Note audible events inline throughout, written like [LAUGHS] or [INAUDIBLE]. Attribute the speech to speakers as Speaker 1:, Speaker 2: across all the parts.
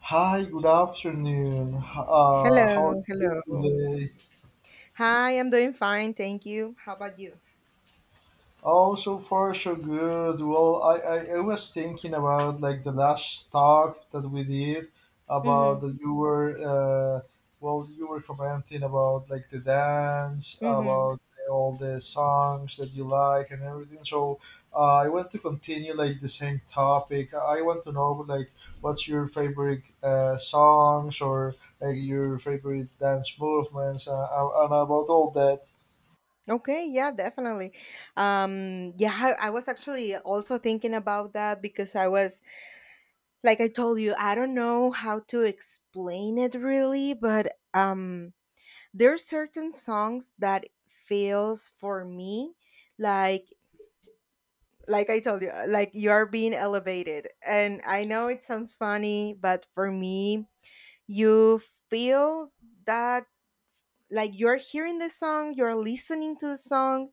Speaker 1: Hi, good afternoon. How are
Speaker 2: Hello,
Speaker 1: you
Speaker 2: hello.
Speaker 1: doing today?
Speaker 2: Hi, I'm doing fine, thank you. How about you?
Speaker 1: Oh, so far so good. Well, I was thinking about like the last talk that we did
Speaker 2: Mm-hmm.
Speaker 1: about that you were well you were commenting about like the dance
Speaker 2: Mm-hmm.
Speaker 1: about all the songs that you like and everything. So I want to continue like the same topic. I want to know like what's your favorite songs or like your favorite dance movements and about all that.
Speaker 2: Okay, yeah, definitely. Yeah, I was actually also thinking about that because I was, like I told you, I don't know how to explain it really, but there are certain songs that feels for me like like I told you, like you are being elevated. And I know it sounds funny, but for me, you feel that like you're hearing the song, you're listening to the song,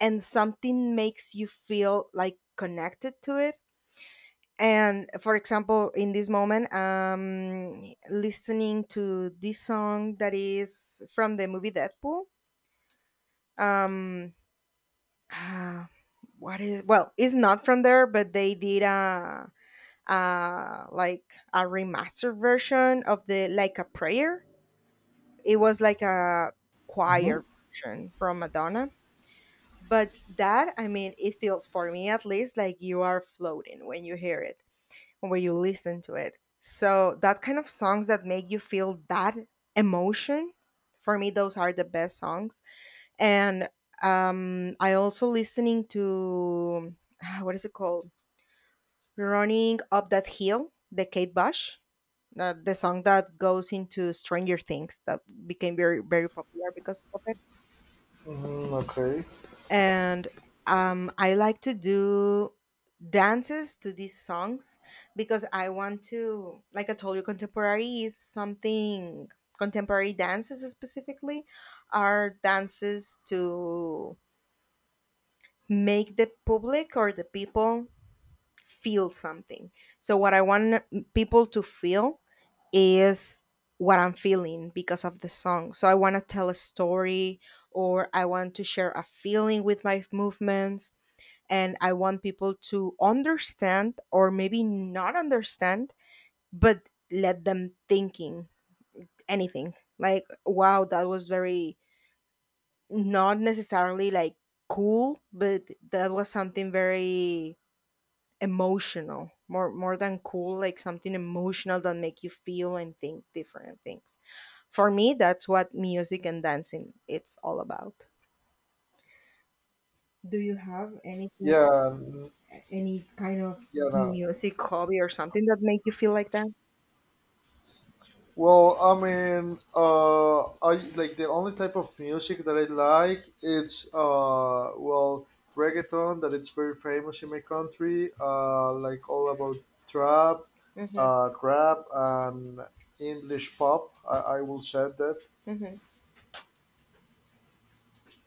Speaker 2: and something makes you feel like connected to it. And for example, in this moment, listening to this song that is from the movie Deadpool, um ah, what is well, it's not from there, but they did a like a remastered version of the Like a Prayer. It was like a
Speaker 1: Mm-hmm.
Speaker 2: choir version from Madonna. But that, I mean, it feels for me at least like you are floating when you hear it, when you listen to it. So that kind of songs that make you feel that emotion, for me, those are the best songs. And I also listening to what is it called? Running up that Hill, the Kate Bush, the song that goes into Stranger Things that became very very popular because of it.
Speaker 1: Mm-hmm, okay.
Speaker 2: And I like to do dances to these songs because I want to, like I told you, contemporary is something. Contemporary dances specifically are dances to make the public or the people feel something. So what I want people to feel is what I'm feeling because of the song. So I want to tell a story, or I want to share a feeling with my movements, and I want people to understand, or maybe not understand, but let them thinking anything. Like, wow, that was very not necessarily like cool, but that was something very emotional. More than cool, like something emotional that make you feel and think different things. For me, that's what music and dancing it's all about. Do you have anything,
Speaker 1: Yeah, n-
Speaker 2: any kind of
Speaker 1: yeah. No.
Speaker 2: music hobby or something that make you feel like that?
Speaker 1: Well, I mean, I like the only type of music that I like. Reggaeton that it's very famous in my country. Like all about trap,
Speaker 2: Mm-hmm.
Speaker 1: rap, and English pop. I will say that.
Speaker 2: Mm-hmm.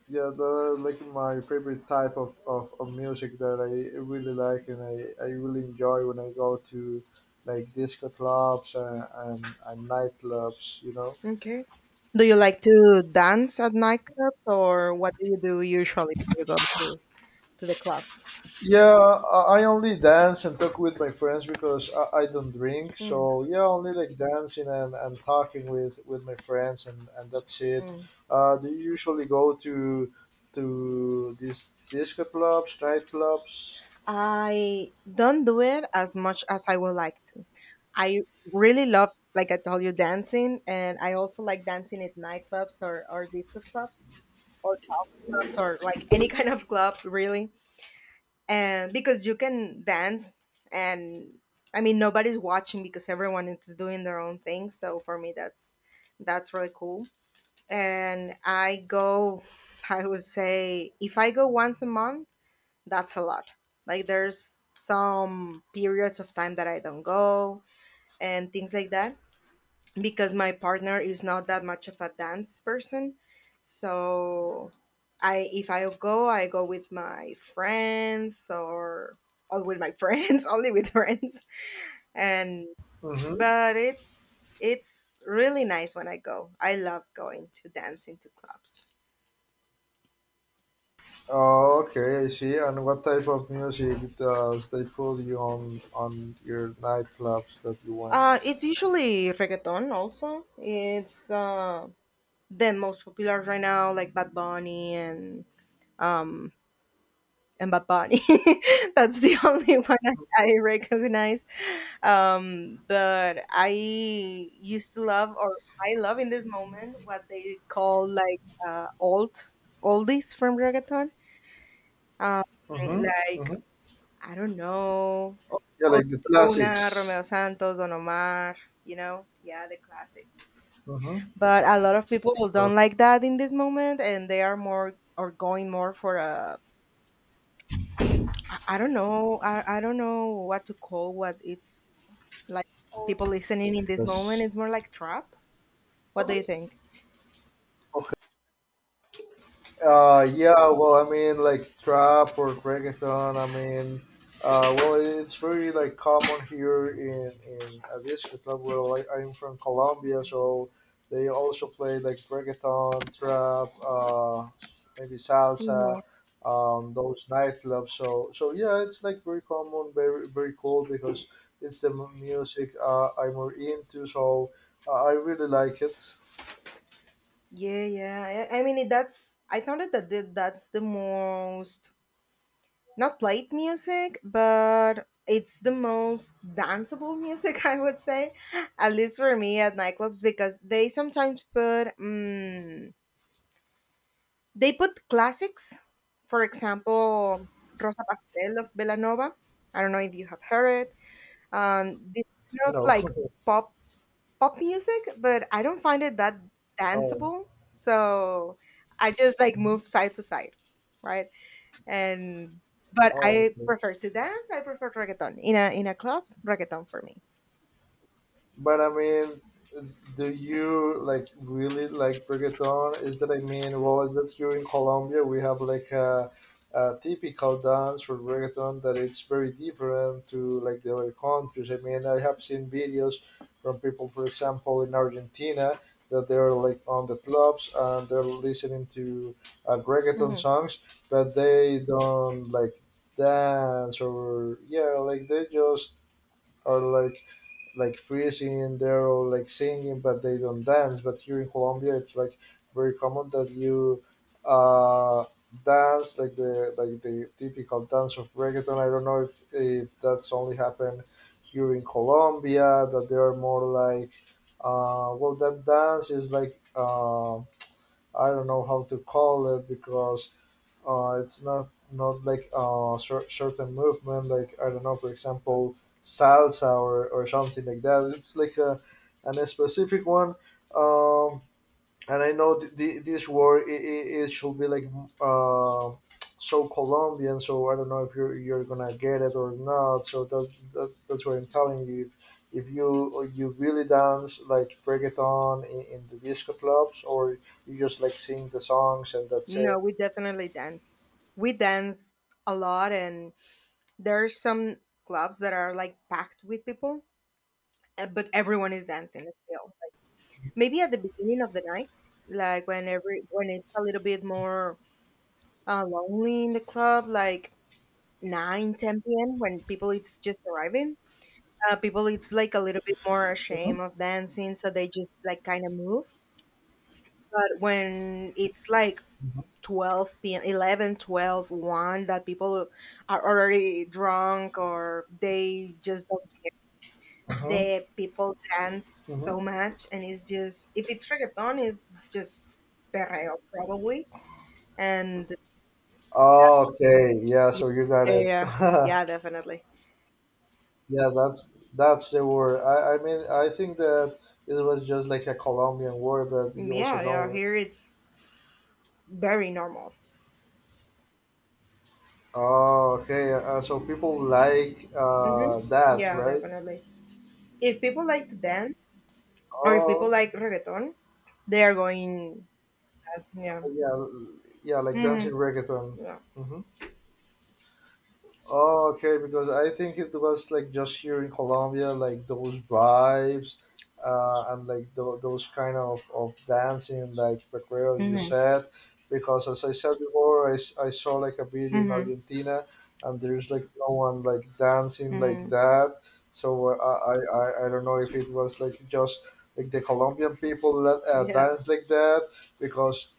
Speaker 1: Yeah, that are like my favorite type of music that I really like, and I really enjoy when I go to like disco clubs and nightclubs, you know.
Speaker 2: Okay. Do you like to dance at nightclubs, or what do you do usually when you go to the club?
Speaker 1: Yeah, I only dance and talk with my friends because I don't drink, so yeah, only like dancing and talking with my friends, and that's it.
Speaker 2: Mm-hmm.
Speaker 1: Do you usually go to these disco clubs, nightclubs?
Speaker 2: I don't do it as much as I would like to. I really love, like I told you, dancing, and I also like dancing at nightclubs, or disco clubs, or salsa clubs, or like any kind of club, really. And because you can dance, and I mean nobody's watching because everyone is doing their own thing, so for me, that's really cool. And I would say if I go once a month, that's a lot. Like, there's some periods of time that I don't go and things like that, because my partner is not that much of a dance person. So I if I go, I go with my friends, or with my [LAUGHS] friends, only with friends. And
Speaker 1: Mm-hmm.
Speaker 2: but it's really nice when I go. I love going to dance into clubs.
Speaker 1: Oh, okay, I see. And what type of music does they put you on your nightclubs that you went?
Speaker 2: It's usually reggaeton also. It's the most popular right now, like Bad Bunny and um, and Bad Bunny. [LAUGHS] That's the only one I recognize. But I used to love, or I love in this moment what they call, like alt oldies from reggaeton, um
Speaker 1: Mm-hmm.
Speaker 2: like
Speaker 1: Mm-hmm.
Speaker 2: I don't know, O-
Speaker 1: Yeah, like the
Speaker 2: ozuna
Speaker 1: classics.
Speaker 2: Romeo Santos, Don Omar, you know. Yeah, the classics.
Speaker 1: Mm-hmm.
Speaker 2: But a lot of people
Speaker 1: Oh,
Speaker 2: don't like that in this moment, and they are more or going more for a I don't know what to call. Like, people listening in this moment,
Speaker 1: yes.
Speaker 2: it's more like trap. What do you think?
Speaker 1: Yeah, well, I mean, like trap or reggaeton. I mean, well, it's very like common here in a disco club where like, I'm from Colombia, so they also play like reggaeton, trap, maybe salsa,
Speaker 2: Mhm.
Speaker 1: those nightclubs. So, so yeah, it's like very common, very very cool because it's the music I'm more into. So I really like it.
Speaker 2: Yeah, yeah. I mean, it, that's I found it that that's the most not light music, but it's the most danceable music, [LAUGHS] I would say, at least for me at nightclubs, because they sometimes put mm they put classics, for example, Rosa Pastel of Belanova. I don't know if you have heard it. This kind of
Speaker 1: No.
Speaker 2: like pop pop music, but I don't find it that
Speaker 1: [LAUGHS] Oh.
Speaker 2: danceable. So I just like move side to side, right? And but
Speaker 1: Oh.
Speaker 2: I prefer to dance. I prefer reggaeton in a club. Reggaeton for me.
Speaker 1: But I mean, do you like really like reggaeton? Is that I mean, well, is that here in Colombia we have like a typical dance for reggaeton that it's very different to like the other countries. I mean, I have seen videos from people, for example, in Argentina that they're like on the clubs and they're listening to reggaeton
Speaker 2: Hmm.
Speaker 1: songs that they don't like dance or yeah, like they just are like freezing and they're all like singing, but they don't dance. But here in Colombia it's like very common that you uh dance like the typical dance of reggaeton. I don't know if that's only happened here in Colombia, that they are more like well that dance is like I don't know how to call it because it's not not like certain movement, like I don't know, for example, salsa or something like that. It's like a an a specific one. Um, and I know this word it should be like uh, so Colombian. So I don't know if you're gonna get it or not. So that's what I'm telling you. If you really dance like reggaeton in the disco clubs, or you just like sing the songs and that's
Speaker 2: No,
Speaker 1: it.
Speaker 2: we definitely dance. We dance a lot, and there are some clubs that are like packed with people, but everyone is dancing still. Like, maybe at the beginning of the night, like when it's a little bit more lonely in the club, like 9-10 p.m. when people it's just arriving, people it's like a little bit more ashamed of dancing, so they just like kind of move. But when it's like 12 p.m 11, 12, 1, that people are already drunk, or they just don't
Speaker 1: Mhm.
Speaker 2: the people dance
Speaker 1: Mm-hmm.
Speaker 2: so much. And it's just, if it's reggaeton, it's just perreo probably. And
Speaker 1: Okay, yeah,
Speaker 2: yeah,
Speaker 1: so you got
Speaker 2: yeah,
Speaker 1: it.
Speaker 2: yeah. Yeah,
Speaker 1: [LAUGHS]
Speaker 2: definitely.
Speaker 1: Yeah, that's the word. I mean, I think that it was just like a Colombian word, but you also
Speaker 2: Yeah,
Speaker 1: know
Speaker 2: yeah,
Speaker 1: it.
Speaker 2: here it's very normal.
Speaker 1: Oh, okay. So people like
Speaker 2: Mm-hmm.
Speaker 1: that,
Speaker 2: Yeah,
Speaker 1: right?
Speaker 2: definitely. If people like to dance, or if people
Speaker 1: Oh,
Speaker 2: like reggaeton, they are going that, yeah.
Speaker 1: yeah, yeah, like dancing
Speaker 2: Mm-hmm.
Speaker 1: reggaeton.
Speaker 2: Yeah.
Speaker 1: Hmm. Oh, okay, because I think it was like just here in Colombia, like those vibes, and like those kind of dancing, like Pacuero, you
Speaker 2: Mm-hmm.
Speaker 1: said. Because as I said before, I saw like a video in
Speaker 2: Mm-hmm.
Speaker 1: Argentina, and there's like no one like dancing like
Speaker 2: Mm-hmm.
Speaker 1: that. So I don't know if it was like just like the Colombian people that
Speaker 2: Yeah.
Speaker 1: dance like that, because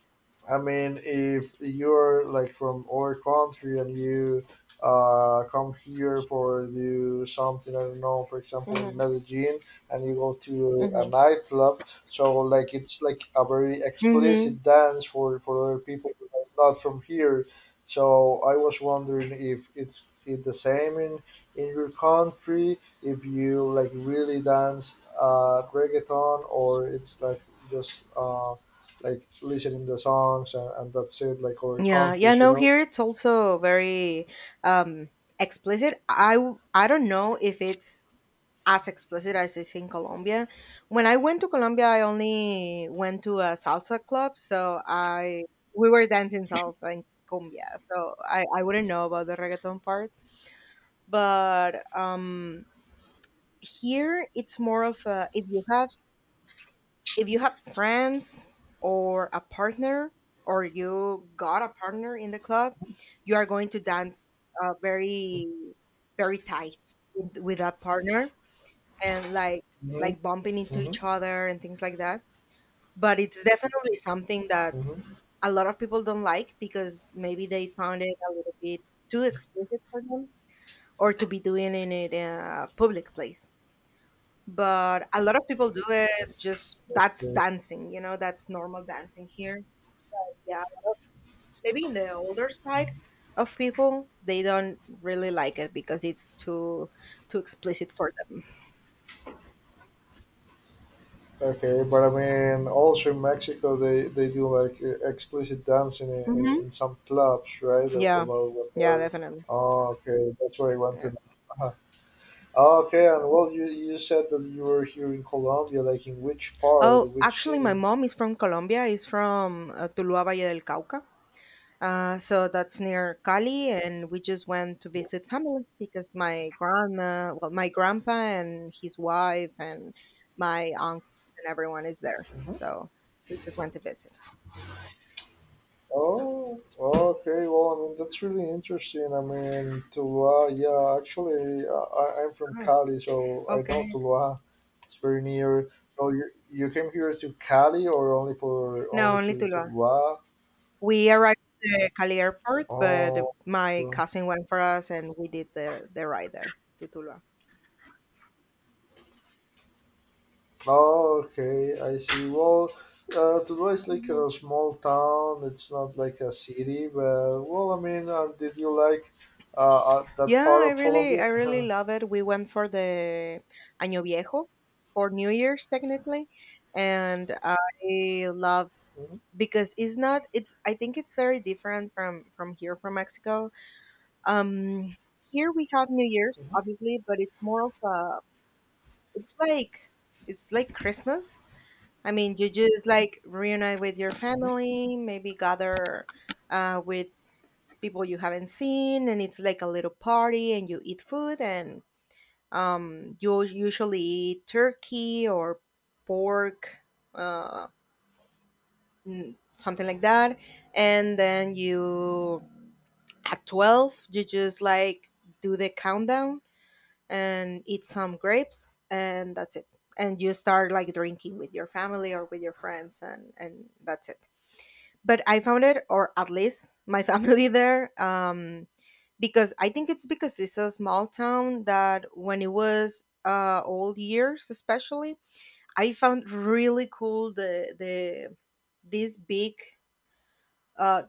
Speaker 1: I mean, if you're like from other country and you come here for do something, I don't know, for example, in
Speaker 2: Mm-hmm.
Speaker 1: Medellin, and you go to a
Speaker 2: Mm-hmm.
Speaker 1: nightclub, so like it's like a very
Speaker 2: Mm-hmm.
Speaker 1: explicit dance for other people who are not from here. So I was wondering if it's it the same in your country, if you like really dance reggaeton, or it's like just. Like listening the songs and that's it like other
Speaker 2: Yeah, yeah.
Speaker 1: countries, you
Speaker 2: No,
Speaker 1: know.
Speaker 2: here it's also very um, explicit. I don't know if it's as explicit as it's in Colombia. When I went to Colombia, I only went to a salsa club, so I we were dancing salsa and cumbia, so I wouldn't know about the reggaeton part. But here it's more of a, if you have friends, or a partner, or you got a partner in the club, you are going to dance very very tight with that partner, and like
Speaker 1: Mhm.
Speaker 2: like bumping into
Speaker 1: Hmm.
Speaker 2: each other and things like that. But it's definitely something that
Speaker 1: Hmm.
Speaker 2: a lot of people don't like, because maybe they found it a little bit too explicit for them, or to be doing in it in a public place. But a lot of people do it, just that's
Speaker 1: Okay.
Speaker 2: dancing, you know, that's normal dancing here. Yeah, maybe in the older side of people, they don't really like it because it's too explicit for them.
Speaker 1: Okay, but I mean also in Mexico they do like explicit dancing,
Speaker 2: Hmm.
Speaker 1: in some clubs, right?
Speaker 2: Yeah,
Speaker 1: About what
Speaker 2: yeah,
Speaker 1: they're
Speaker 2: definitely.
Speaker 1: oh okay that's what I want to know.
Speaker 2: Yes.
Speaker 1: Uh-huh. Oh, okay, and well you said that you were here in Colombia like in which part,
Speaker 2: Oh,
Speaker 1: which
Speaker 2: actually, my
Speaker 1: city?
Speaker 2: mom is from Colombia. Is from Tuluá, Valle del Cauca. So that's near Cali, and we just went to visit family because my grandma, well, my grandpa and his wife, and my uncle, and everyone is there. So we just went to visit.
Speaker 1: Oh, okay. Well, I mean, that's really interesting. I mean, Tuluá, yeah, actually, I'm from
Speaker 2: Oh,
Speaker 1: Cali, so I know
Speaker 2: okay.
Speaker 1: Tuluá. It's very near. So you came here to Cali or only for
Speaker 2: No,
Speaker 1: only
Speaker 2: only
Speaker 1: to
Speaker 2: Tuluá.
Speaker 1: Tuluá?
Speaker 2: We arrived at the Cali airport, but
Speaker 1: Oh,
Speaker 2: my
Speaker 1: well,
Speaker 2: cousin went for us, and we did the ride there to Tuluá.
Speaker 1: oh, okay. I see. Well, Tuluá is like
Speaker 2: Mhm.
Speaker 1: a small town. It's not like a city, but well, I mean, did you like that
Speaker 2: Yeah,
Speaker 1: part
Speaker 2: I
Speaker 1: of
Speaker 2: really, I
Speaker 1: Colombia?
Speaker 2: really
Speaker 1: [LAUGHS]
Speaker 2: love it. We went for the Año Viejo, for New Year's technically, and I love
Speaker 1: Mhm,
Speaker 2: because it's not. It's I think it's very different from here, from Mexico. Um, Here we have New Year's
Speaker 1: mhm,
Speaker 2: obviously, but it's more of a. It's like it's like Christmas. I mean, you just like reunite with your
Speaker 1: mhm,
Speaker 2: family, maybe gather with people you haven't seen, and it's like a little party, and you eat food, and you usually eat turkey or pork, uh, something like that. And then you, at 12, you just like do the countdown and eat some grapes, and that's it. And you start like drinking with your family or with your friends, and that's it. But I found it, or at least my family [LAUGHS] there, because I think it's because it's a small town, that when it was old years, especially, I found really cool these big uh,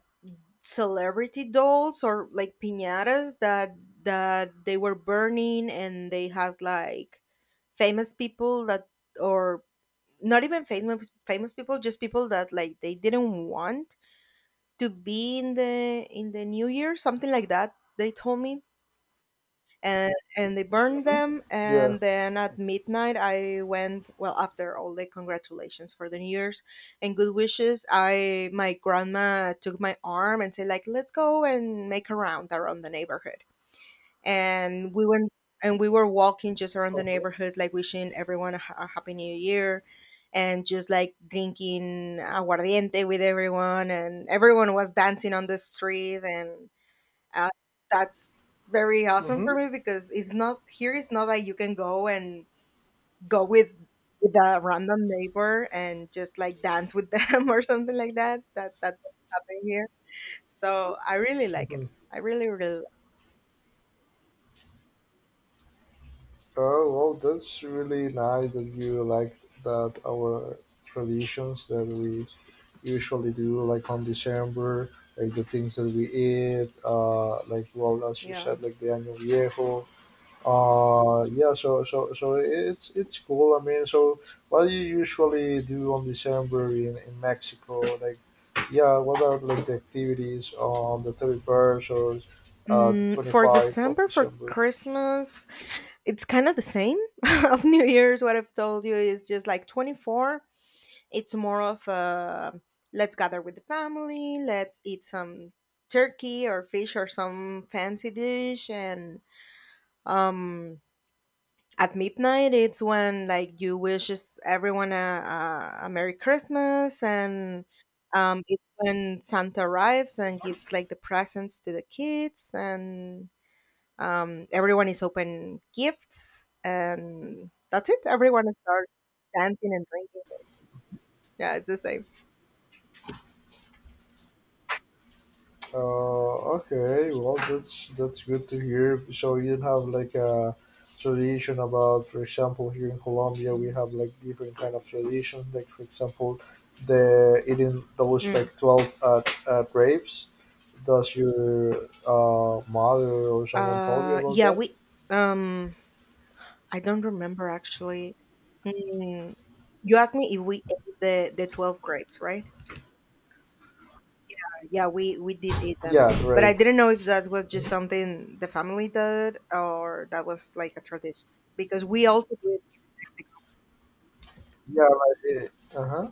Speaker 2: celebrity dolls or like piñatas that they were burning, and they had like famous people that or not even famous famous people, just people that like they didn't want to be in the new year, something like that they told me. And they burned
Speaker 1: mhm.
Speaker 2: them,
Speaker 1: Yeah.
Speaker 2: and then at midnight, I went well, after all the congratulations for the new year's and good wishes, I my grandma took my arm and said, like, let's go and make a round around the neighborhood. And we went, and we were walking just around the neighborhood like wishing everyone a happy new year, and just like drinking aguardiente with everyone, and everyone was dancing on the street. And uh, that's very awesome
Speaker 1: Mm-hmm.
Speaker 2: for me, because it's not here, it's not like you can go and go with a random neighbor and just like dance with them, [LAUGHS] or something like that, that doesn't happen here. So I really like it.
Speaker 1: Hmm.
Speaker 2: I really really like
Speaker 1: Oh, well, that's really nice that you like that our traditions that we usually do, like on December, like the things that we eat, like well, as
Speaker 2: it.
Speaker 1: you
Speaker 2: Yeah
Speaker 1: said, like the año viejo. Yeah. So it's cool. I mean, so what do you usually do on December in Mexico? Like, yeah, what are like the activities on the 31st or the twenty
Speaker 2: for
Speaker 1: five of
Speaker 2: december for
Speaker 1: December?
Speaker 2: christmas it's kind of the same [LAUGHS] of new year's. What I've told you is just like 24. It's more of a let's gather with the family, let's eat some turkey or fish or some fancy dish and um at midnight it's when like you wishes everyone a merry christmas, and it's when santa arrives and gives like the presents to the kids, and everyone is open gifts and that's it, everyone starts dancing and drinking. Yeah, it's the same.
Speaker 1: Okay, well, that's good to hear. So you don't have like a tradition about, for example, here in Colombia, we
Speaker 2: Mhm.
Speaker 1: have like different kind of traditions. Like for example, the eating those
Speaker 2: Mm.
Speaker 1: like 12 grapes. Does your mother or someone told you
Speaker 2: Uh,
Speaker 1: about
Speaker 2: yeah,
Speaker 1: that?
Speaker 2: we um I don't remember actually. Mm, you asked me if we ate the 12 grapes, right? Yeah, we did eat them.
Speaker 1: Yeah,
Speaker 2: But
Speaker 1: right.
Speaker 2: I didn't know if that was just something the family did or that was like a tradition, because we also do it in Mexico.
Speaker 1: Yeah, like, uh huh.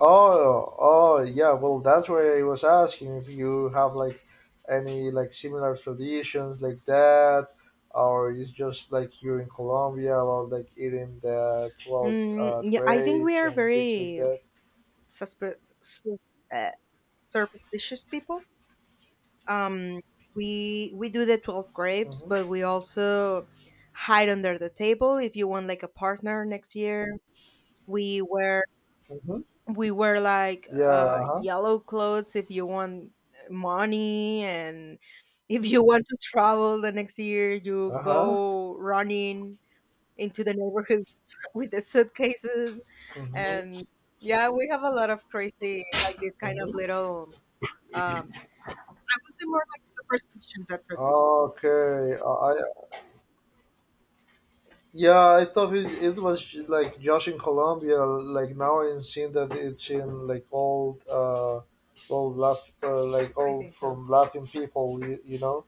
Speaker 1: Oh, yeah. Well, that's why I was asking if you have like any like similar traditions like that, or it's just like here in Colombia about like eating the 12
Speaker 2: Mm, yeah, I think we
Speaker 1: grapes
Speaker 2: are
Speaker 1: and things like
Speaker 2: very
Speaker 1: that.
Speaker 2: suspe- sus- uh, superstitious people. um, we do the 12 grapes,
Speaker 1: Mm-hmm.
Speaker 2: but we also hide under the table if you want like a partner next year. We wear
Speaker 1: Mm-hmm. Yeah. Uh huh.
Speaker 2: yellow clothes if you want money, and if you want to travel the next year you
Speaker 1: Uh huh.
Speaker 2: go running into the neighborhoods [LAUGHS] with the suitcases.
Speaker 1: Mm-hmm.
Speaker 2: And yeah, we have a lot of crazy like this kind of
Speaker 1: Mm-hmm.
Speaker 2: little um, I would say more like superstitions and traditions.
Speaker 1: Okay. I Yeah, I thought it was like just in Colombia. Like now, I'm seeing that it's in like like
Speaker 2: I
Speaker 1: all
Speaker 2: think so.
Speaker 1: from Latin people. You know.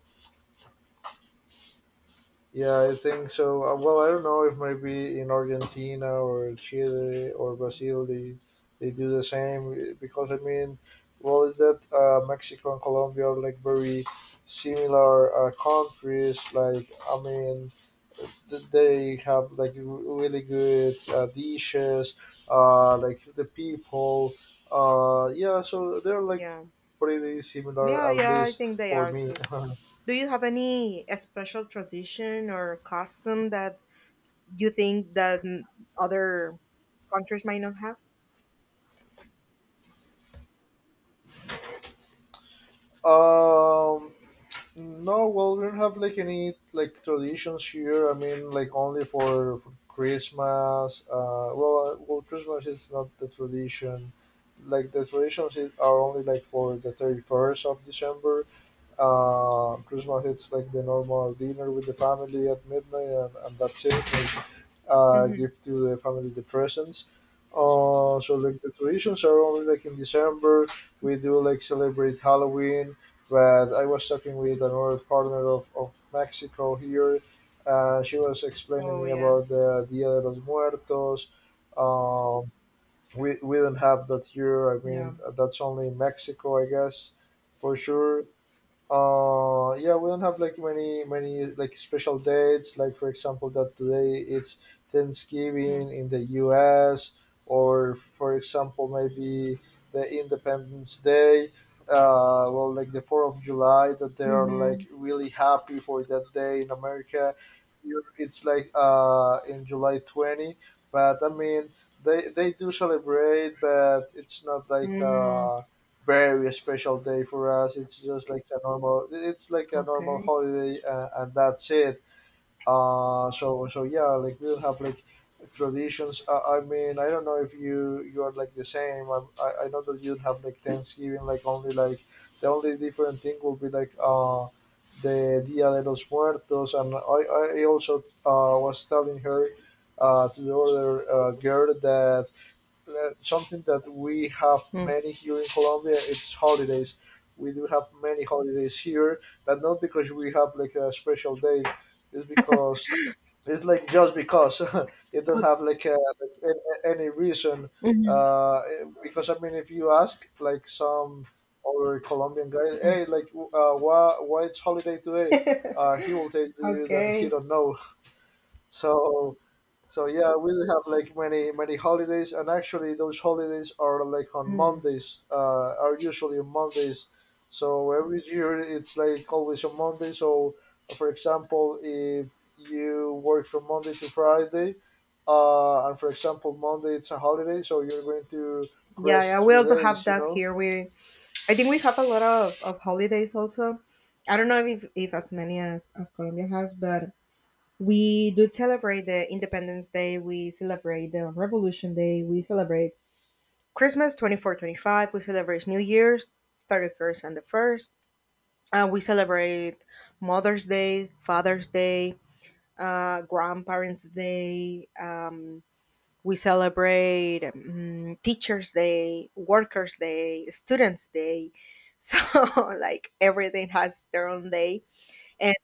Speaker 1: Yeah, I think so. Well, I don't know if maybe in Argentina or Chile or
Speaker 2: Yeah.
Speaker 1: Brazil they do the same eh, because I mean, well, is that Mexico and Colombia are like very similar countries. Like I mean, they have like really good dishes. Like the people. Yeah, so they're like
Speaker 2: Yeah.
Speaker 1: pretty similar
Speaker 2: Yeah,
Speaker 1: at
Speaker 2: yeah, I
Speaker 1: least
Speaker 2: think they
Speaker 1: for
Speaker 2: are
Speaker 1: me.
Speaker 2: too. Do you have any special tradition or custom that you think that other countries might not have?
Speaker 1: [LAUGHS] um No, well, we don't have like any like traditions here. I mean, like only for Christmas. Well, Christmas is not the tradition. Like the traditions is, are only like for the 31st of December. Christmas it's like the normal dinner with the family at midnight, and that's it. Like,
Speaker 2: Mm-hmm.
Speaker 1: give to the family the presents. So like the traditions are only like in December. We do like celebrate Halloween, but I was talking with another partner of Mexico here. She was explaining
Speaker 2: Oh
Speaker 1: me
Speaker 2: yeah.
Speaker 1: about the Dia de los Muertos. Um, we don't have that here. I
Speaker 2: Yeah.
Speaker 1: mean, that's only in Mexico, I guess, for sure. Yeah, we don't have like many many like special dates, like for example that today it's Thanksgiving in the US, or for example maybe the independence day. Well, like the 4th of July that they are
Speaker 2: Mm-hmm.
Speaker 1: like really happy for that day in America. Europe, it's like in July 20, but I mean they do celebrate, but it's not like
Speaker 2: Mm,
Speaker 1: very special day for us. It's just like a normal. It's like a normal
Speaker 2: okay.
Speaker 1: holiday, and that's it. So so yeah, like we don't have like traditions. I mean, I don't know if you you are like the same. I know that you'd have like Thanksgiving, like only like the only different thing will be like the Dia de los Muertos, and I also was telling her to the other girl that something that we have
Speaker 2: Mm.
Speaker 1: many here in Colombia is holidays. We do have many holidays here, but not because we have like a special date. It's because it's like just because [LAUGHS] it don't have like, like any reason.
Speaker 2: Mm-hmm.
Speaker 1: Because I mean, if you ask like some other Colombian guy, hey, like why it's holiday today? He will tell
Speaker 2: [LAUGHS]
Speaker 1: you that he
Speaker 2: Okay.
Speaker 1: don't know. [LAUGHS] So so yeah, we do have like many many holidays, and actually those holidays are like on
Speaker 2: Mm.
Speaker 1: Mondays. Are usually on Mondays. So every year it's like always on Monday. So for example, if you work from Monday to Friday, and for example Monday it's a holiday, so you're going to
Speaker 2: Yeah, yeah,
Speaker 1: rest
Speaker 2: we
Speaker 1: three
Speaker 2: also have
Speaker 1: days. You
Speaker 2: that
Speaker 1: know,
Speaker 2: here. We, I think we have a lot of holidays also. I don't know if as many as Colombia has, but we do celebrate the Independence Day, we celebrate the Revolution Day, we celebrate Christmas 24, 25. We celebrate New Year's 31st and the 1st, we celebrate Mother's Day, Father's Day, Grandparents' Day, we celebrate Teachers' Day, Workers' Day, Students' Day. So, [LAUGHS] like, everything has their own day. And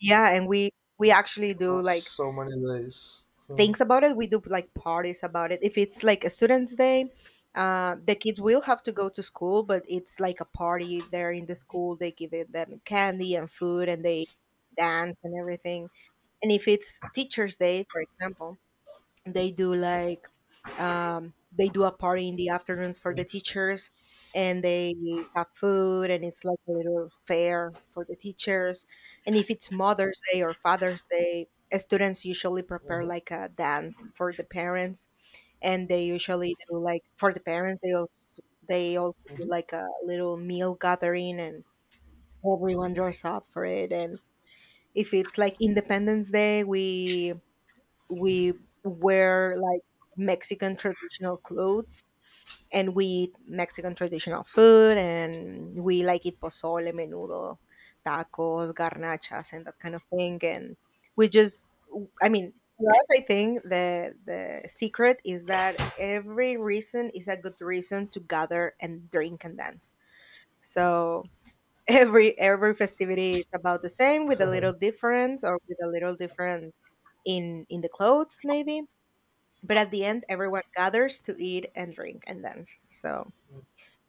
Speaker 2: yeah, and we actually do
Speaker 1: not
Speaker 2: like
Speaker 1: so many days. So,
Speaker 2: things about it. We do like parties about it. If it's like a student's day, the kids will have to go to school, but it's like a party there in the school. They give it them candy and food and they dance and everything. And if it's Teacher's Day, for example, they do like they do a party in the afternoons for the teachers, and they have food and it's like a little fair for the teachers. And if it's mother's day or father's day, students usually prepare
Speaker 1: mhm,
Speaker 2: like a dance for the parents, and they usually do like for the parents they also do
Speaker 1: mhm.
Speaker 2: like a little meal gathering, and everyone dress up for it. And if it's like independence day we we wear like Mexican traditional clothes, and we eat Mexican traditional food, and we like eat pozole, menudo, tacos, garnachas and that kind of thing. And we just, I mean, for us I think the secret is that every reason is a good reason to gather and drink and dance. So every festivity is about the same with a little difference, or with a little difference in the clothes maybe, but at the end, everyone gathers to eat and drink and dance. So,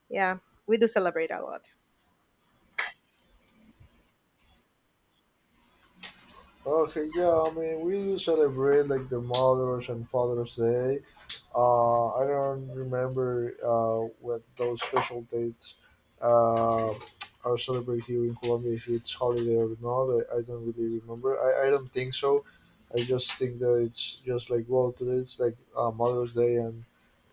Speaker 2: yeah, we do celebrate a lot.
Speaker 1: Okay, yeah, I mean, we do celebrate like the Mother's and Father's Day. I don't remember what those special dates uh, are celebrated here in Colombia, if it's holiday or not. I don't really remember. I don't think so. I just think that it's just like, well, today it's like Mother's Day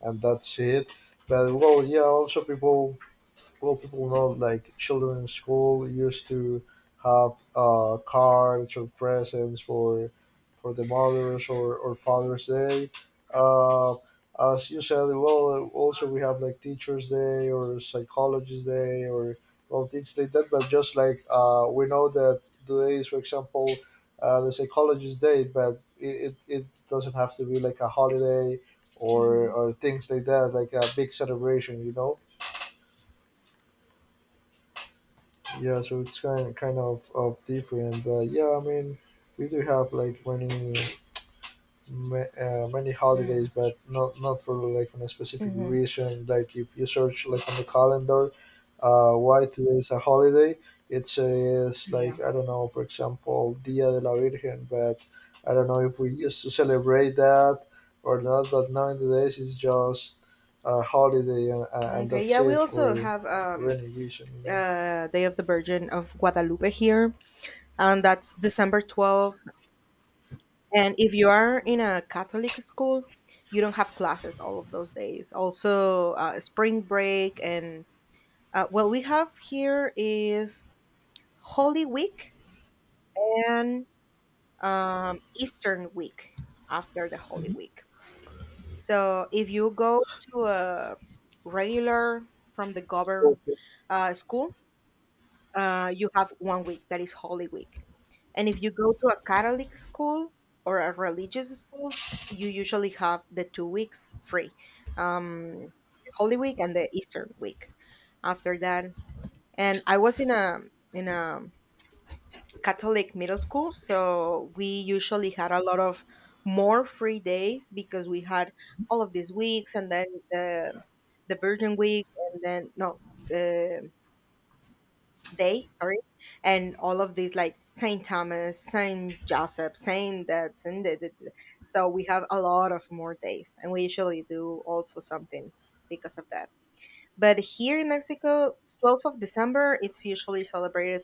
Speaker 1: and that's it. But, well, yeah, also people well, people know like children in school used to have cards or presents for the mothers or father's day uh, as you said, well also we have like teachers day or psychologist day or well things like that, but just like we know that today is for example the psychologist day, but it doesn't have to be like a holiday
Speaker 2: Hmm.
Speaker 1: or things like that, like a big celebration, you know. Yeah, so it's kind of different, but yeah I mean we do have like many many holidays,
Speaker 2: Mm.
Speaker 1: but not not for like a specific
Speaker 2: Hmm.
Speaker 1: reason. Like if you search like on the calendar why today is a holiday, it says like
Speaker 2: Yeah.
Speaker 1: I don't know, for example, dia de la virgen, but I don't know if we used to celebrate that or not, but nowadays it's just a holiday and
Speaker 2: Okay,
Speaker 1: that's
Speaker 2: yeah, we
Speaker 1: it,
Speaker 2: also have
Speaker 1: for any reason
Speaker 2: Day of the Virgin of Guadalupe here, and that's December 12th. And if you are in a Catholic school, you don't have classes all of those days. Also, spring break and what we have here is Holy Week and Eastern week after the Holy Week. So if you go to a regular from the
Speaker 1: know
Speaker 2: government school, you have one week that is Holy Week. And if you go to a Catholic school or a religious school, you usually have the two weeks free, um, Holy Week and the Eastern Week after that. And I was in a in a Catholic middle school, so we usually had a lot of more free days because we had all of these weeks and then the Virgin Week and then no uh, day, sorry, and all of these like Saint Thomas, Saint Joseph, Saint that, that. So we have a lot of more days and we usually do also something because of that. But here in Mexico, 12th of December, it's usually celebrated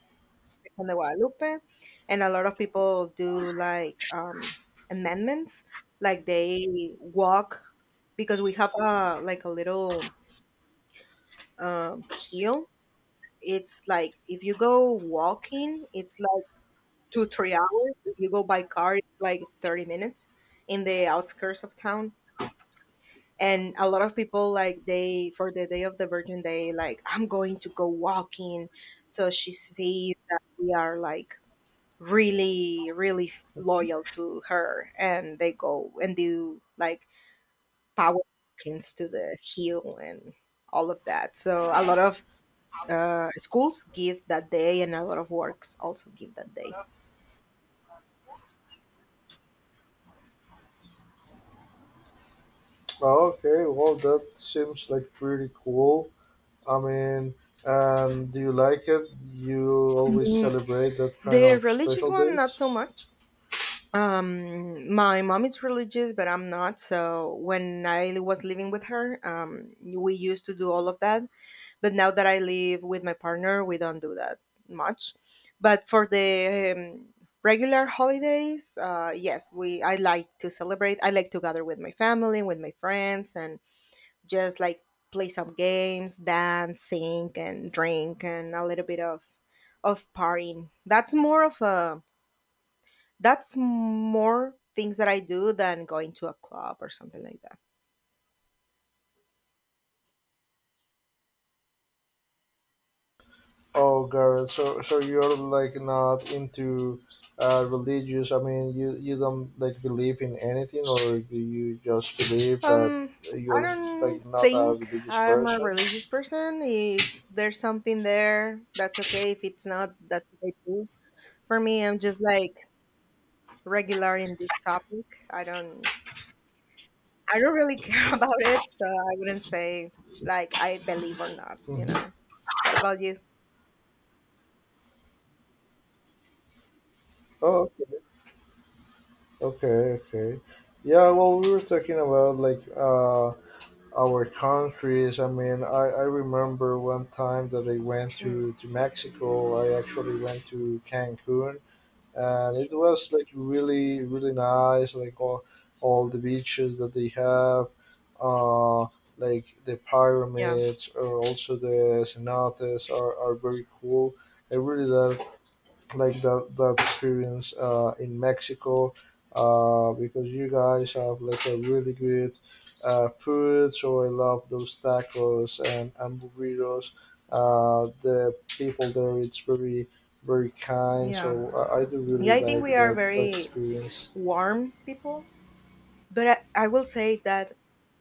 Speaker 2: Virgen de Guadalupe, and a lot of people do like amendments, like they walk because we have a like a little hill. It's like if you go walking, it's like 2 3 hours. If you go by car, it's like 30 minutes in the outskirts of town. And a lot of people like they for the day of the Virgin Day, like I'm going to go walking, so she sees that we are like really really loyal to her, and they go and do like power bookings to the heel and all of that. So a lot of schools give that day, and a lot of works also give that day.
Speaker 1: Oh, okay, well, that seems like pretty cool. I mean, and do you like it? You always
Speaker 2: Mm,
Speaker 1: celebrate that kind
Speaker 2: the
Speaker 1: of
Speaker 2: religious
Speaker 1: special
Speaker 2: one not
Speaker 1: dates?
Speaker 2: so much. My mom is religious but I'm not, so when I was living with her we used to do all of that. But now that I live with my partner, we don't do that much. But for the regular holidays, yes, we I like to celebrate. I like to gather with my family, with my friends, and just like play some games, dance, sing, and drink, and a little bit of partying. That's more of a, that's more things that I do than going to a club or something like that.
Speaker 1: Oh, Garrett, so so you're like not into religious? I mean, you don't like believe in anything, or do you just believe that
Speaker 2: Um, I
Speaker 1: you're like
Speaker 2: don't
Speaker 1: not a
Speaker 2: think
Speaker 1: religious
Speaker 2: I'm a
Speaker 1: person?
Speaker 2: religious person. If there's something there, that's okay. If it's not, that's okay too. For me, I'm just like regular in this topic. I don't, I don't really [LAUGHS] care about it, so I wouldn't say like I believe or not, you
Speaker 1: Mhm.
Speaker 2: know. What about you?
Speaker 1: Oh, okay, okay, okay. Yeah, well, we were talking about like uh, our countries. I mean, I remember one time that I went
Speaker 2: Mm,
Speaker 1: to Mexico. I actually went to Cancun, and it was like really, really nice. Like all the beaches that they have, uh, like the
Speaker 2: yeah.
Speaker 1: pyramids, or also the cenotes are very cool. I really like the that experience in Mexico because you guys have like a really good food. So I love those tacos and burritos. The people there, it's very very kind.
Speaker 2: Yeah.
Speaker 1: So I do really
Speaker 2: Yeah, I think
Speaker 1: like
Speaker 2: we are
Speaker 1: that that
Speaker 2: very
Speaker 1: experience.
Speaker 2: warm people, but I will say that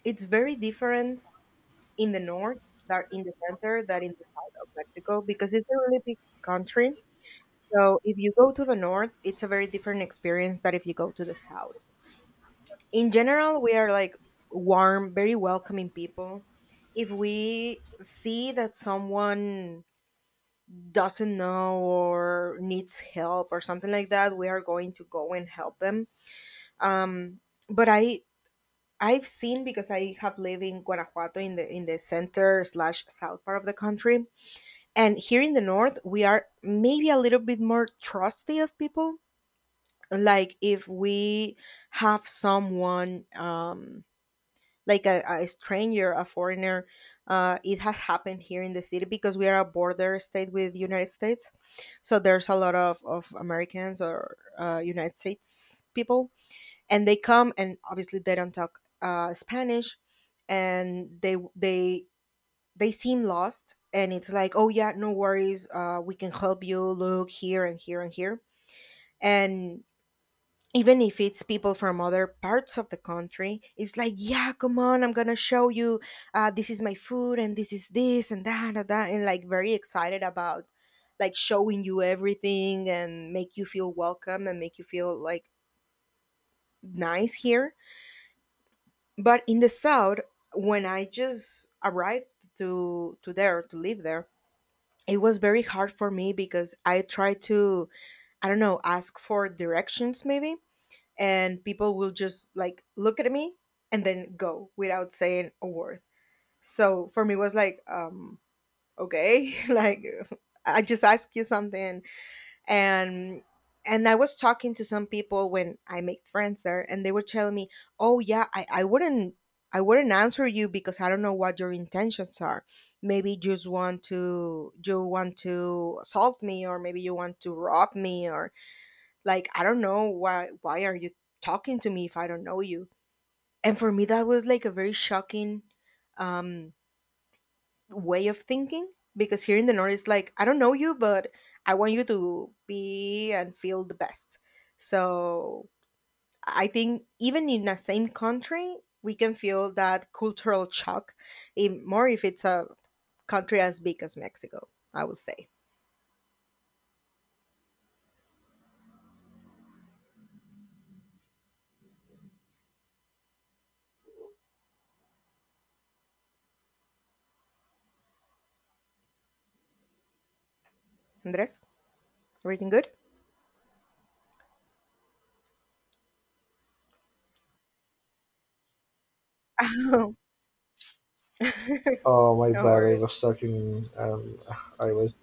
Speaker 2: it's very different in the north that in the center that in the south of Mexico, because it's a really big country. So if you go to the north, it's a very different experience than if you go to the south. In general, we are like warm, very welcoming people. If we see that someone doesn't know or needs help or something like that, we are going to go and help them. Um, but I, I've seen because I have lived in Guanajuato in the center slash south part of the country. And here in the north, we are maybe a little bit more trusty of people. Like if we have someone, like a stranger, a foreigner, it has happened here in the city because we are a border state with United States. So there's a lot of Americans or United States people, and they come and obviously they don't talk Spanish, and they seem lost, and it's like oh yeah no worries, we can help you, look here and here and here. And even if it's people from other parts of the country it's like yeah come on, I'm gonna show you this is my food and this is this and that and that, and like very excited about like showing you everything and make you feel welcome and make you feel like nice here. But in the south, when I just arrived to there to live there, it was very hard for me because I tried to, I don't know, ask for directions maybe, and people will just like look at me and then go without saying a word. So for me, it was like, okay, [LAUGHS] like I just asked you something, and I was talking to some people when I made friends there, and they were telling me oh yeah, I wouldn't, answer you because I don't know what your intentions are, maybe you just want to, you want to assault me, or maybe you want to rob me, or like I don't know why are you talking to me if I don't know you. And for me that was like a very shocking um way of thinking, because here in the north it's like I don't know you but I want you to be and feel the best. So I think even in the same country we can feel that cultural shock in, more if it's a country as big as Mexico, I would say. Andres, everything good? [LAUGHS] Oh,
Speaker 1: Oh my
Speaker 2: no
Speaker 1: bad, I
Speaker 2: worries.
Speaker 1: was talking. [LAUGHS] I was.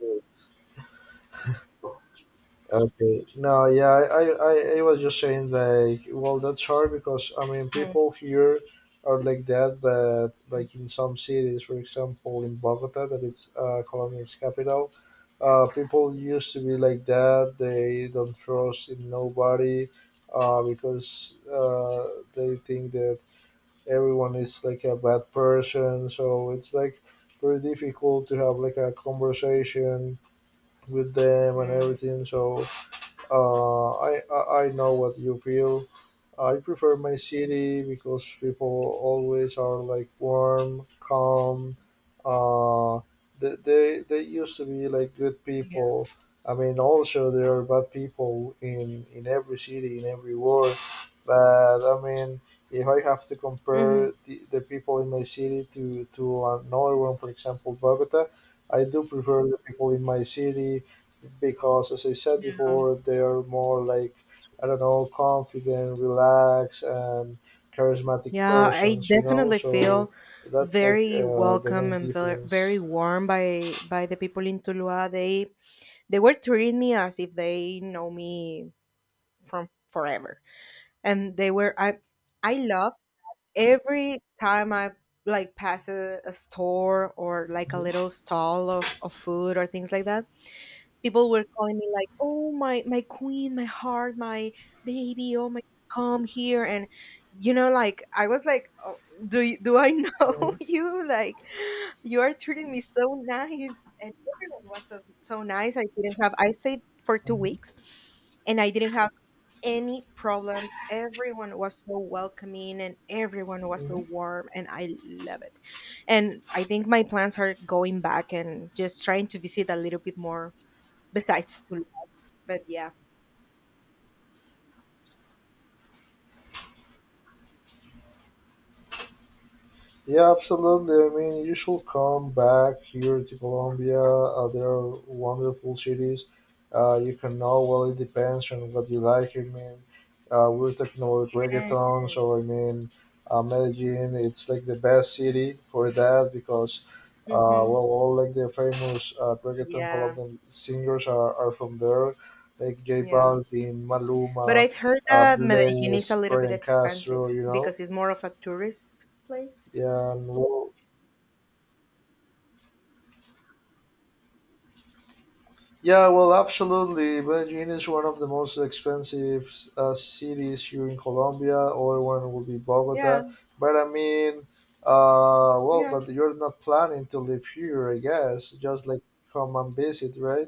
Speaker 1: Okay. No, yeah, I I was just saying like, well, that's hard because I mean, people here are like that, but like in some cities, for example, in Bogota, that it's Colombia's capital, people used to be like that. They don't trust in nobody, because they think that everyone is like a bad person. So it's like very difficult to have like a conversation with them and
Speaker 2: Mhm.
Speaker 1: everything. So I know what you feel. I prefer my city because people always are like warm, calm. Uh, they used to be like good
Speaker 2: Yeah.
Speaker 1: people. I mean, also there are bad people in every city, in every world. But I mean, if I have to compare
Speaker 2: Hmm.
Speaker 1: the people in my city to another one, for example, Bogota, I do prefer the people in my city because, as I said before, they are more like I don't know, confident, relaxed, and charismatic
Speaker 2: Yeah, I
Speaker 1: persons. You know,
Speaker 2: definitely
Speaker 1: so
Speaker 2: feel
Speaker 1: that's like
Speaker 2: very
Speaker 1: the
Speaker 2: welcome
Speaker 1: main
Speaker 2: and
Speaker 1: difference.
Speaker 2: very warm by the people in Tuluá. They were treating me as if they know me from forever, and they were, I love every time I like pass a store or like a little
Speaker 1: Mhm.
Speaker 2: stall of food or things like that. People were calling me like oh my, my queen, my heart, my baby, oh my, come here. And you know, like I was like oh, do I know
Speaker 1: Mhm.
Speaker 2: [LAUGHS] you, like you are treating me so nice. And everyone was so, so nice. I didn't have, I stayed for two weeks and I didn't have any problems. Everyone was so welcoming and everyone was so
Speaker 1: Mhm.
Speaker 2: warm. And I love it. And I think my plans are going back and just trying to visit a little bit more besides Tulum. But yeah.
Speaker 1: Yeah, absolutely. I mean, you should come back here to Colombia. There are wonderful cities. You can know, well, it depends on what you like. I mean, we are talking about reggaeton,
Speaker 2: Yes.
Speaker 1: so I mean, Medellin, it's like the best city for that because,
Speaker 2: Mm-hmm.
Speaker 1: well, all like the famous reggaeton
Speaker 2: Yeah.
Speaker 1: Colombian singers are from there, like J
Speaker 2: Yeah.
Speaker 1: Balvin,
Speaker 2: But
Speaker 1: Maluma,
Speaker 2: I've heard that Medellin is a
Speaker 1: Bless,
Speaker 2: little bit
Speaker 1: Brian Castro,
Speaker 2: expensive
Speaker 1: you know?
Speaker 2: because it's more of a tourist place.
Speaker 1: Yeah, and well, yeah, well, absolutely. Medellin is one of the most expensive cities here in Colombia. Other one will be
Speaker 2: Yeah.
Speaker 1: Bogota. But I mean, well,
Speaker 2: Yeah.
Speaker 1: but you're not planning to live here, I guess. Just like come and visit, right?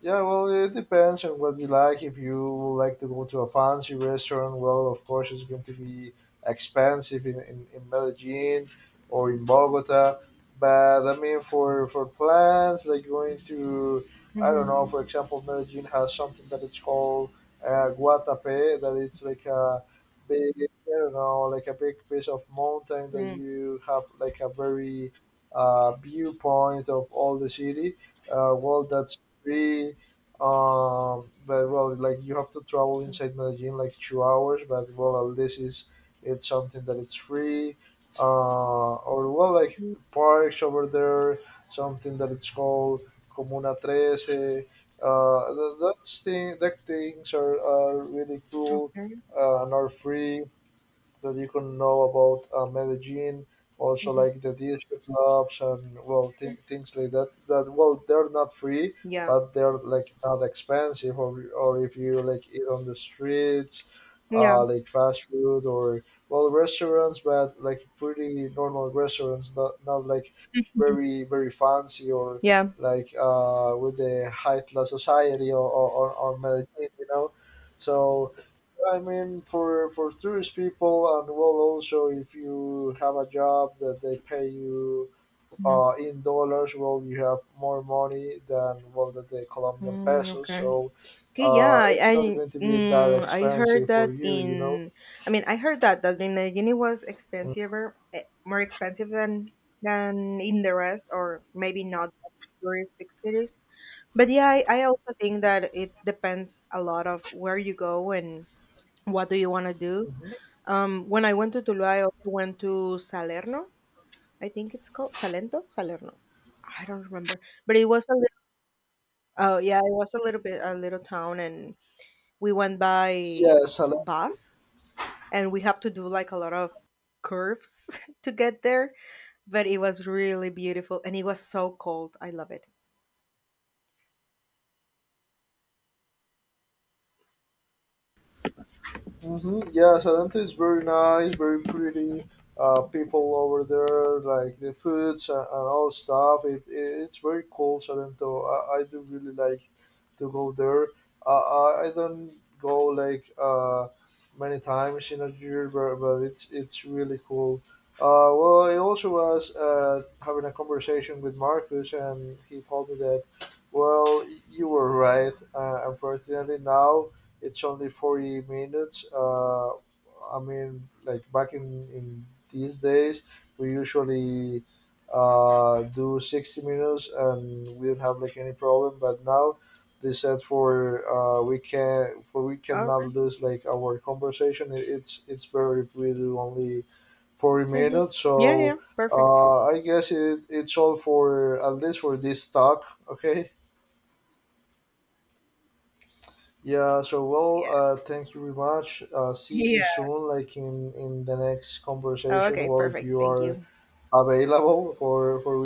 Speaker 1: Yeah, well, it depends on what you like. If you like to go to a fancy restaurant, well, of course, it's going to be expensive in Medellin or in Bogota. But I mean, for plans like going to, I don't
Speaker 2: Mhm.
Speaker 1: know, for example, Medellin has something that it's called Guatapé, that it's like a big, I don't know, like a big piece of mountain that
Speaker 2: Mm.
Speaker 1: you have like a very viewpoint of all the city. Well, that's three. But well, like you have to travel inside Medellin like 2 hours, but well, at least it's something that it's free. Or well, like
Speaker 2: Mm.
Speaker 1: parks over there, something that it's called Comuna Trece. That's thing, that things are really cool
Speaker 2: Okay.
Speaker 1: and are free that you can know about Medellin, also
Speaker 2: Mhm.
Speaker 1: like the disco clubs and well things like that. That well they're not free,
Speaker 2: Yeah.
Speaker 1: but they're like not expensive, or if you like eat on the streets,
Speaker 2: Yeah.
Speaker 1: like fast food or well restaurants, but like pretty normal restaurants, not not like very very fancy or
Speaker 2: Yeah.
Speaker 1: like with the high class society or or Medellin, you know. So I mean, for tourist people, and well, also if you have a job that they pay you
Speaker 2: Mhm.
Speaker 1: in dollars, well, you have more money than well that the Colombian
Speaker 2: Mm,
Speaker 1: pesos.
Speaker 2: okay.
Speaker 1: So
Speaker 2: Okay, yeah,
Speaker 1: it's not going to be that
Speaker 2: mm, I heard
Speaker 1: expensive for
Speaker 2: that
Speaker 1: you, you know.
Speaker 2: in, I mean I heard that in Rimini was expensive, more expensive than in the rest or maybe not touristic cities. But yeah, I also think that it depends a lot of where you go and what do you want to do.
Speaker 1: Mhm.
Speaker 2: When I went to Tulu, I also went to Salerno, I think it's called Salento, Salerno. I don't remember, but it was a little, yeah, it was a little bit a little town, and we went by
Speaker 1: Yes, a
Speaker 2: bus, and we have to do like a lot of curves [LAUGHS] to get there, but it was really beautiful, and it was so cold. I love it.
Speaker 1: mm-hmm. Yeah, Salento is very nice, very pretty. People over there, like the foods and all stuff. It it's very cool, Salento. I do really like to go there. I don't go like many times in a year, but it's really cool. Well, I also was having a conversation with Marcus, and he told me that, well, you were right. Unfortunately, now it's only 40 minutes I mean, like back in these days we usually do 60 minutes and we don't have like any problem, but now they said for we cannot
Speaker 2: Okay.
Speaker 1: lose like our conversation. It- it's better if we do only 40
Speaker 2: Mhm.
Speaker 1: minutes,
Speaker 2: Yeah, yeah,
Speaker 1: so
Speaker 2: perfect.
Speaker 1: I guess it, it's all, for at least for this talk, okay. Yeah, so well,
Speaker 2: Yeah,
Speaker 1: thank you very much. See
Speaker 2: [LAUGHS]
Speaker 1: you
Speaker 2: yeah.
Speaker 1: soon, like in the next
Speaker 2: Oh,
Speaker 1: conversation.
Speaker 2: okay,
Speaker 1: Well, if
Speaker 2: perfect.
Speaker 1: you
Speaker 2: Thank
Speaker 1: are
Speaker 2: you.
Speaker 1: available for we